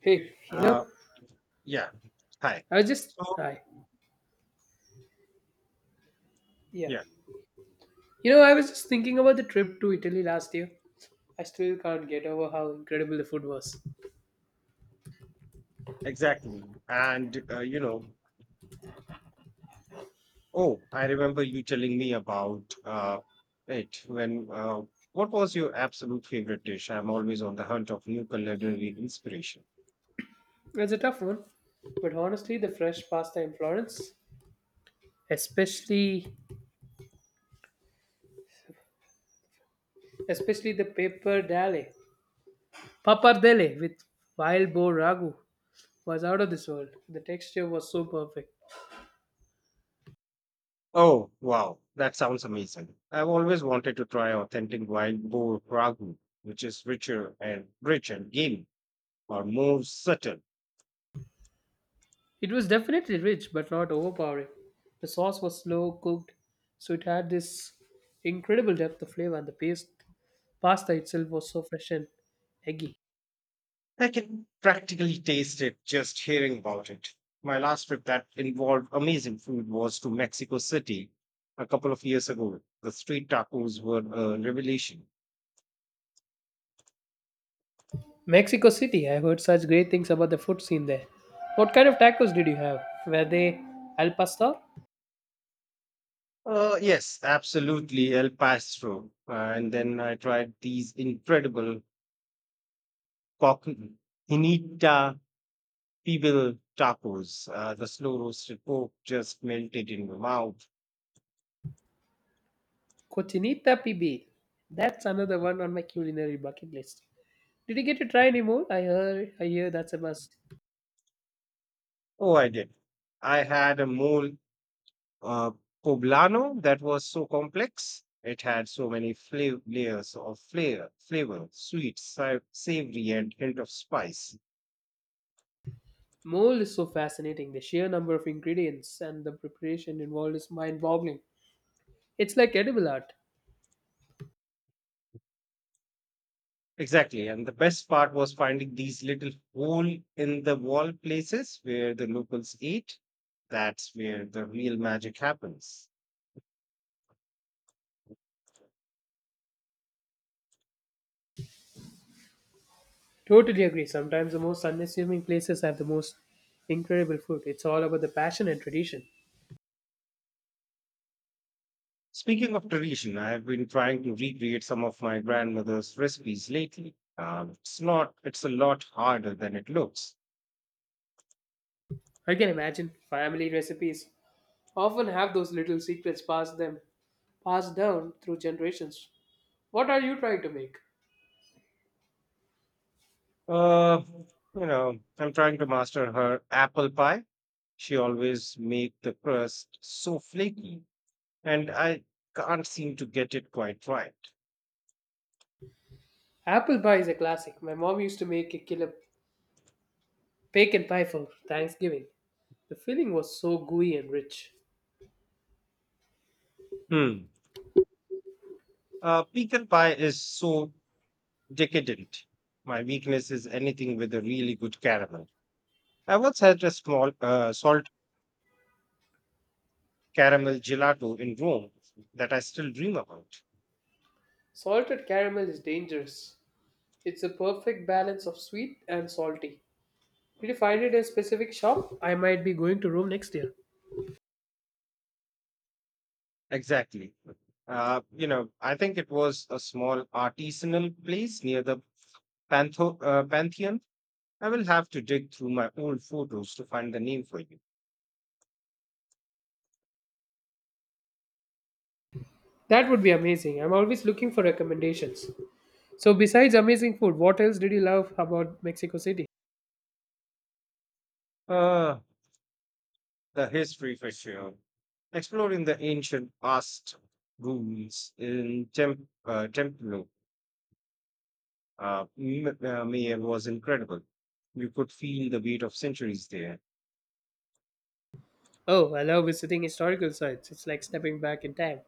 Hey, you Uh, know, yeah. Hi. I was just So, hi. Yeah. yeah, You know, I was just thinking about the trip to Italy last year. I still can't get over how incredible the food was. exactly. Oh, I remember you telling me about it when, what was your absolute favorite dish? I'm always on the hunt of new culinary inspiration. It's a tough one, but honestly, the fresh pasta in Florence, especially especially the pappardelle pappardelle with wild boar ragu, was out of this world. The texture was so perfect. Oh, wow. That sounds amazing. I've always wanted to try authentic wild boar ragu, which is richer and rich and gamey or more subtle. It was definitely rich, but not overpowering. The sauce was slow cooked, so it had this incredible depth of flavor, and the paste Pasta itself was so fresh and eggy. I can practically taste it just hearing about it. My last trip that involved amazing food was to Mexico City a couple of years ago. The street tacos were a revelation. Mexico City, I heard such great things about the food scene there. What kind of tacos did you have? Were they al pastor? Yes, absolutely, El Paso. And then I tried these incredible cocinita pibil tacos. The slow roasted pork just melted in my mouth. Cochinita pibil. That's another one on my culinary bucket list. Did you get to try any mole? I hear that's a must. Oh, I did. I had a mole uh, poblano that was so complex. It had so many layers of flavor, sweet, savory, and hint of spice. Mole is so fascinating. The sheer number of ingredients and the preparation involved is mind boggling. It's like edible art. Exactly. And the best part was finding these little hole in the wall places where the locals ate. That's where the real magic happens. Totally agree. Sometimes the most unassuming places have the most incredible food. It's all about the passion and tradition. Speaking of tradition, I have been trying to recreate some of my grandmother's recipes lately. It's not, it's a lot harder than it looks. I can imagine family recipes often have those little secrets passed down through generations. What are you trying to make? Uh, I'm trying to master her apple pie. She always make the crust so flaky, and I can't seem to get it quite right. Apple pie is a classic. My mom used to make a killer bacon pie for Thanksgiving. The filling was so gooey and rich. Hmm. Pecan pie is so decadent. My weakness is anything with a really good caramel. I once had a small salt caramel gelato in Rome that I still dream about. Salted caramel is dangerous. It's a perfect balance of sweet and salty. Did you find it in a specific shop? I might be going to Rome next year. Exactly. I think it was a small artisanal place near the Pantheon. I will have to dig through my old photos to find the name for you. That would be amazing. I'm always looking for recommendations. So, besides amazing food, what else did you love about Mexico City? Uh, the history for sure. Exploring the ancient past ruins in Templo Mayor was incredible. You could feel the weight of centuries there. Oh, I love visiting historical sites. It's like stepping back in time.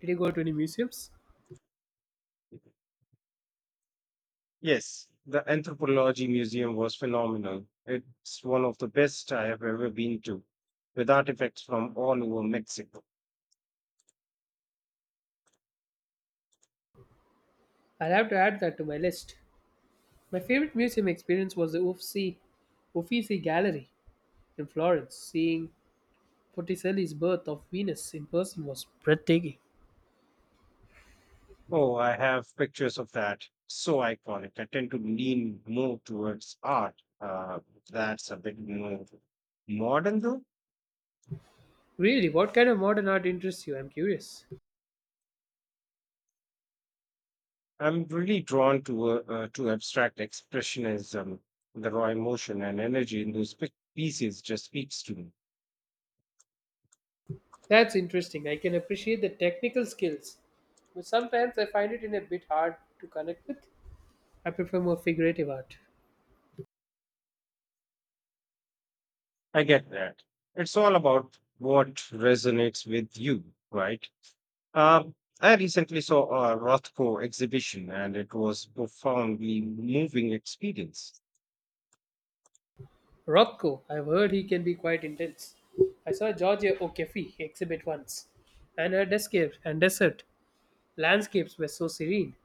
Did you go to any museums? Yes, the Anthropology Museum was phenomenal. It's one of the best I have ever been to, with artifacts from all over Mexico. I'll have to add that to my list. My favorite museum experience was the Uffizi Gallery in Florence. Seeing Botticelli's birth of Venus in person was breathtaking. Oh, I have pictures of that. So iconic. I tend to lean more towards art. That's a bit more modern, though. Really, what kind of modern art interests you? I'm curious. I'm really drawn to abstract expressionism. The raw emotion and energy in those pieces just speaks to me. That's interesting. I can appreciate the technical skills, but sometimes I find it in a bit hard to connect with. I prefer more figurative art. I get that. It's all about what resonates with you, right? I recently saw a Rothko exhibition and it was profoundly moving experience. Rothko, I've heard he can be quite intense. I saw Georgia O'Keeffe exhibit once, and her descapes and desert landscapes were so serene.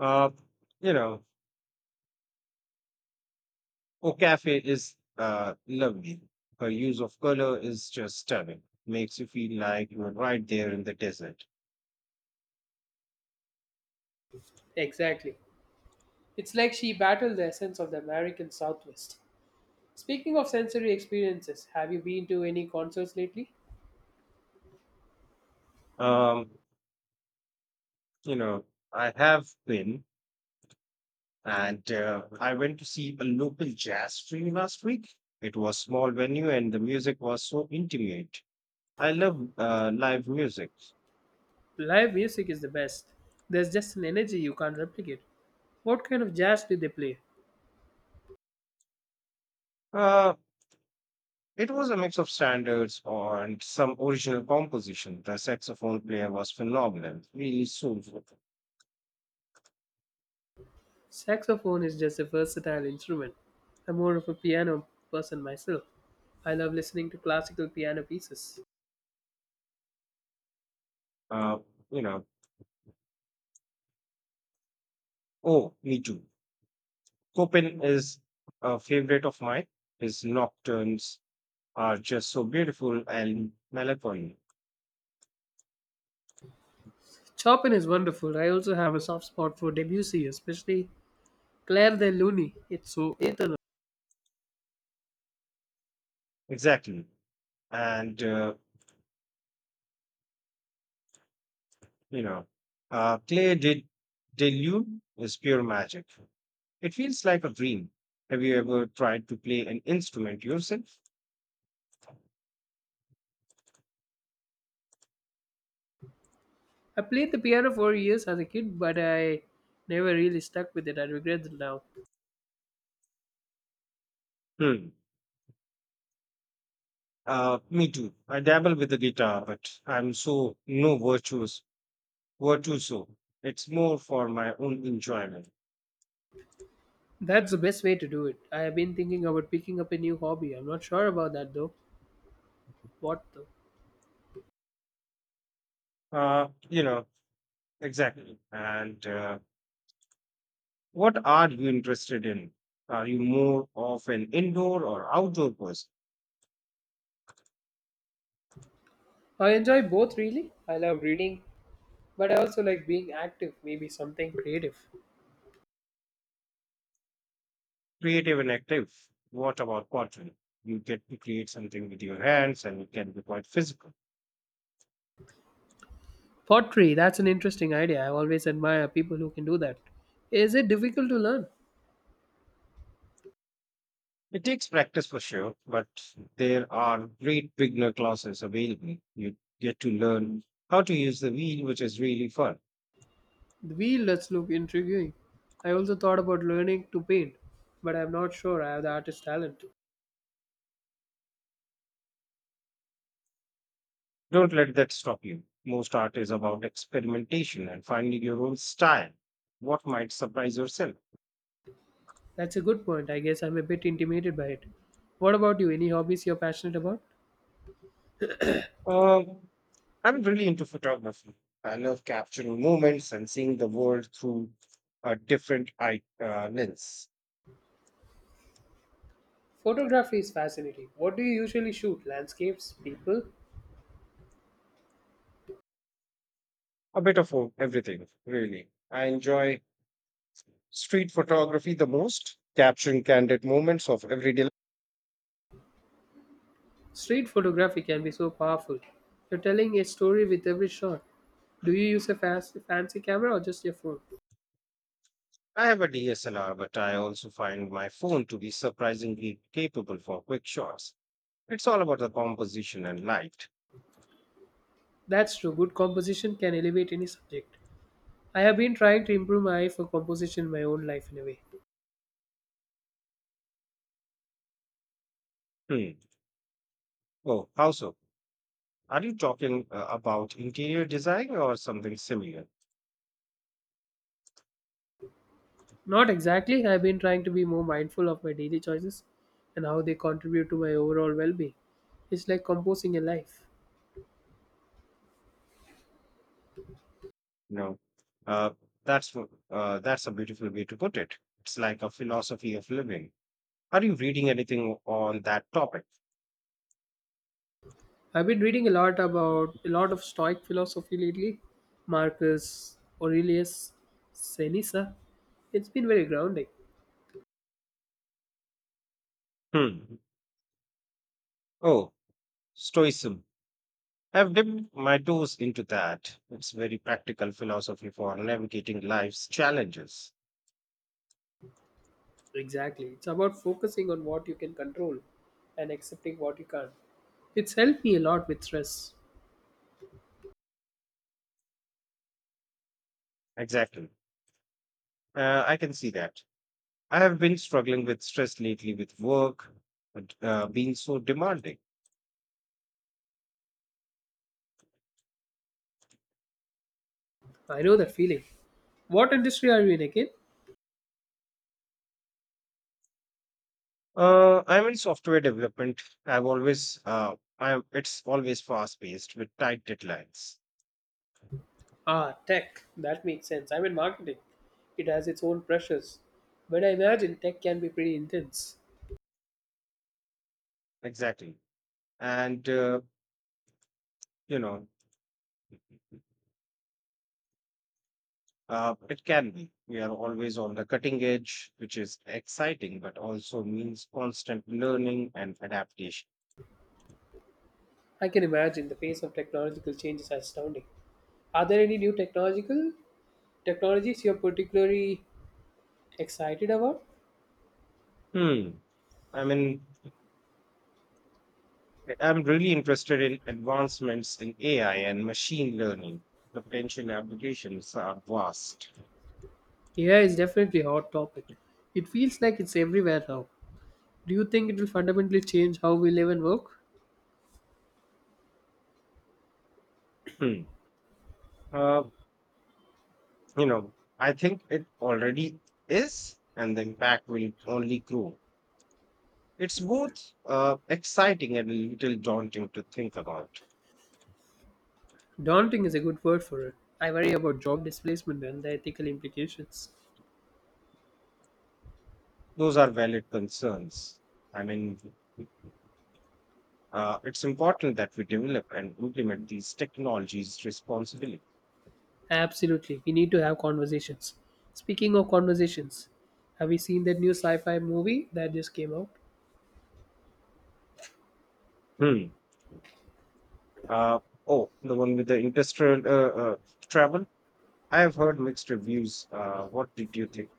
Uh, you know, Okafe is lovely. Her use of color is just stunning. Makes you feel like you're right there in the desert. Exactly. It's like she battled the essence of the American Southwest. Speaking of sensory experiences, have you been to any concerts lately? Um, you know, I have been. And I went to see a local jazz stream last week. It was small venue and the music was so intimate. I love live music. Live music is the best. There's just an energy you can't replicate. What kind of jazz did they play? Uh, it was a mix of standards and some original composition. The saxophone player was phenomenal, really soulful. Saxophone is just a versatile instrument. I'm more of a piano person myself. I love listening to classical piano pieces. Uh, you know, oh, me too. Chopin is a favorite of mine. His nocturnes are just so beautiful and melancholy. Chopin is wonderful. I also have a soft spot for Debussy, especially Claire de Lune. It's so eternal. Exactly and uh, You know, Clay did Delude is pure magic. It feels like a dream. Have you ever tried to play an instrument yourself? I played the piano for years as a kid, but I never really stuck with it. I regret it now. Hmm. Me too. I dabble with the guitar, but I'm so no virtuous virtuoso. It's more for my own enjoyment. That's the best way to do it. I have been thinking about picking up a new hobby. I'm not sure about that though. What though? Uh, you know, exactly. And What are you interested in? Are you more of an indoor or outdoor person? I enjoy both really. I love reading, but I also like being active, maybe something creative. Creative and active. What about pottery? You get to create something with your hands and it can be quite physical. Pottery, that's an interesting idea. I always admire people who can do that. Is it difficult to learn? It takes practice for sure, but there are great beginner classes available. You get to learn how to use the wheel, which is really fun. The wheel does look intriguing. I also thought about learning to paint, but I'm not sure I have the artist talent. Don't let that stop you. Most art is about experimentation and finding your own style. What might surprise yourself? That's a good point. I guess I'm a bit intimidated by it. What about you? Any hobbies you're passionate about? Um, I'm really into photography. I love capturing moments and seeing the world through a different lens. Photography is fascinating. What do you usually shoot? Landscapes? People? A bit of everything, really. I enjoy street photography the most, capturing candid moments of everyday life. Street photography can be so powerful. You're telling a story with every shot. Do you use a fast, fancy camera or just your phone? I have a DSLR, but I also find my phone to be surprisingly capable for quick shots. It's all about the composition and light. That's true. Good composition can elevate any subject. I have been trying to improve my eye for composition in my own life in a way. Hmm. Oh, how so? Are you talking about interior design or something similar? Not exactly. I've been trying to be more mindful of my daily choices and how they contribute to my overall well-being. It's like composing a life. No. Uh, that's a beautiful way to put it. It's like a philosophy of living. Are you reading anything on that topic? I've been reading a lot of Stoic philosophy lately. Marcus Aurelius Seneca. It's been very grounding. Hmm. Oh, Stoicism. I've dipped my toes into that. It's very practical philosophy for navigating life's challenges. Exactly. It's about focusing on what you can control and accepting what you can't. It's helped me a lot with stress. Exactly. I can see that. I have been struggling with stress lately with work and, being so demanding. I know that feeling. What industry are you in again? I'm in software development. I, it's always fast paced with tight deadlines. Ah, tech. That makes sense. I'm in marketing. It has its own pressures. But I imagine tech can be pretty intense. Exactly. And, uh, you know, it can be. We are always on the cutting edge, which is exciting, but also means constant learning and adaptation. I can imagine the pace of technological change is astounding. Are there any new technological technologies you're particularly excited about? Hmm. I mean, I'm really interested in advancements in AI and machine learning. The potential applications are vast. AI is definitely a hot topic. It feels like it's everywhere now. Do you think it will fundamentally change how we live and work? Hmm. Uh, you know, I think it already is, and the impact will only grow. It's both exciting and a little daunting to think about. Daunting is a good word for it. I worry about job displacement and the ethical implications. Those are valid concerns. I mean, it's important that we develop and implement these technologies responsibly. Absolutely. We need to have conversations. Speaking of conversations, have you seen that new sci fi movie that just came out? Hmm. Uh, oh, the one with the industrial travel. I have heard mixed reviews. What did you think?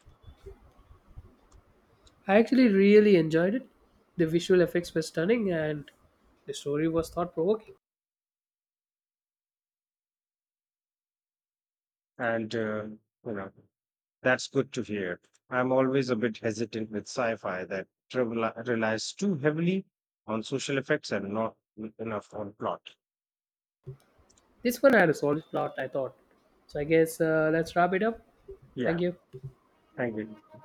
I actually really enjoyed it. The visual effects were stunning and the story was thought provoking. And uh, you know, that's good to hear. I'm always a bit hesitant with sci-fi that travel relies too heavily on social effects and not enough on plot. This one had a solid plot, I thought. So I guess let's wrap it up. Yeah, Thank you. thank you.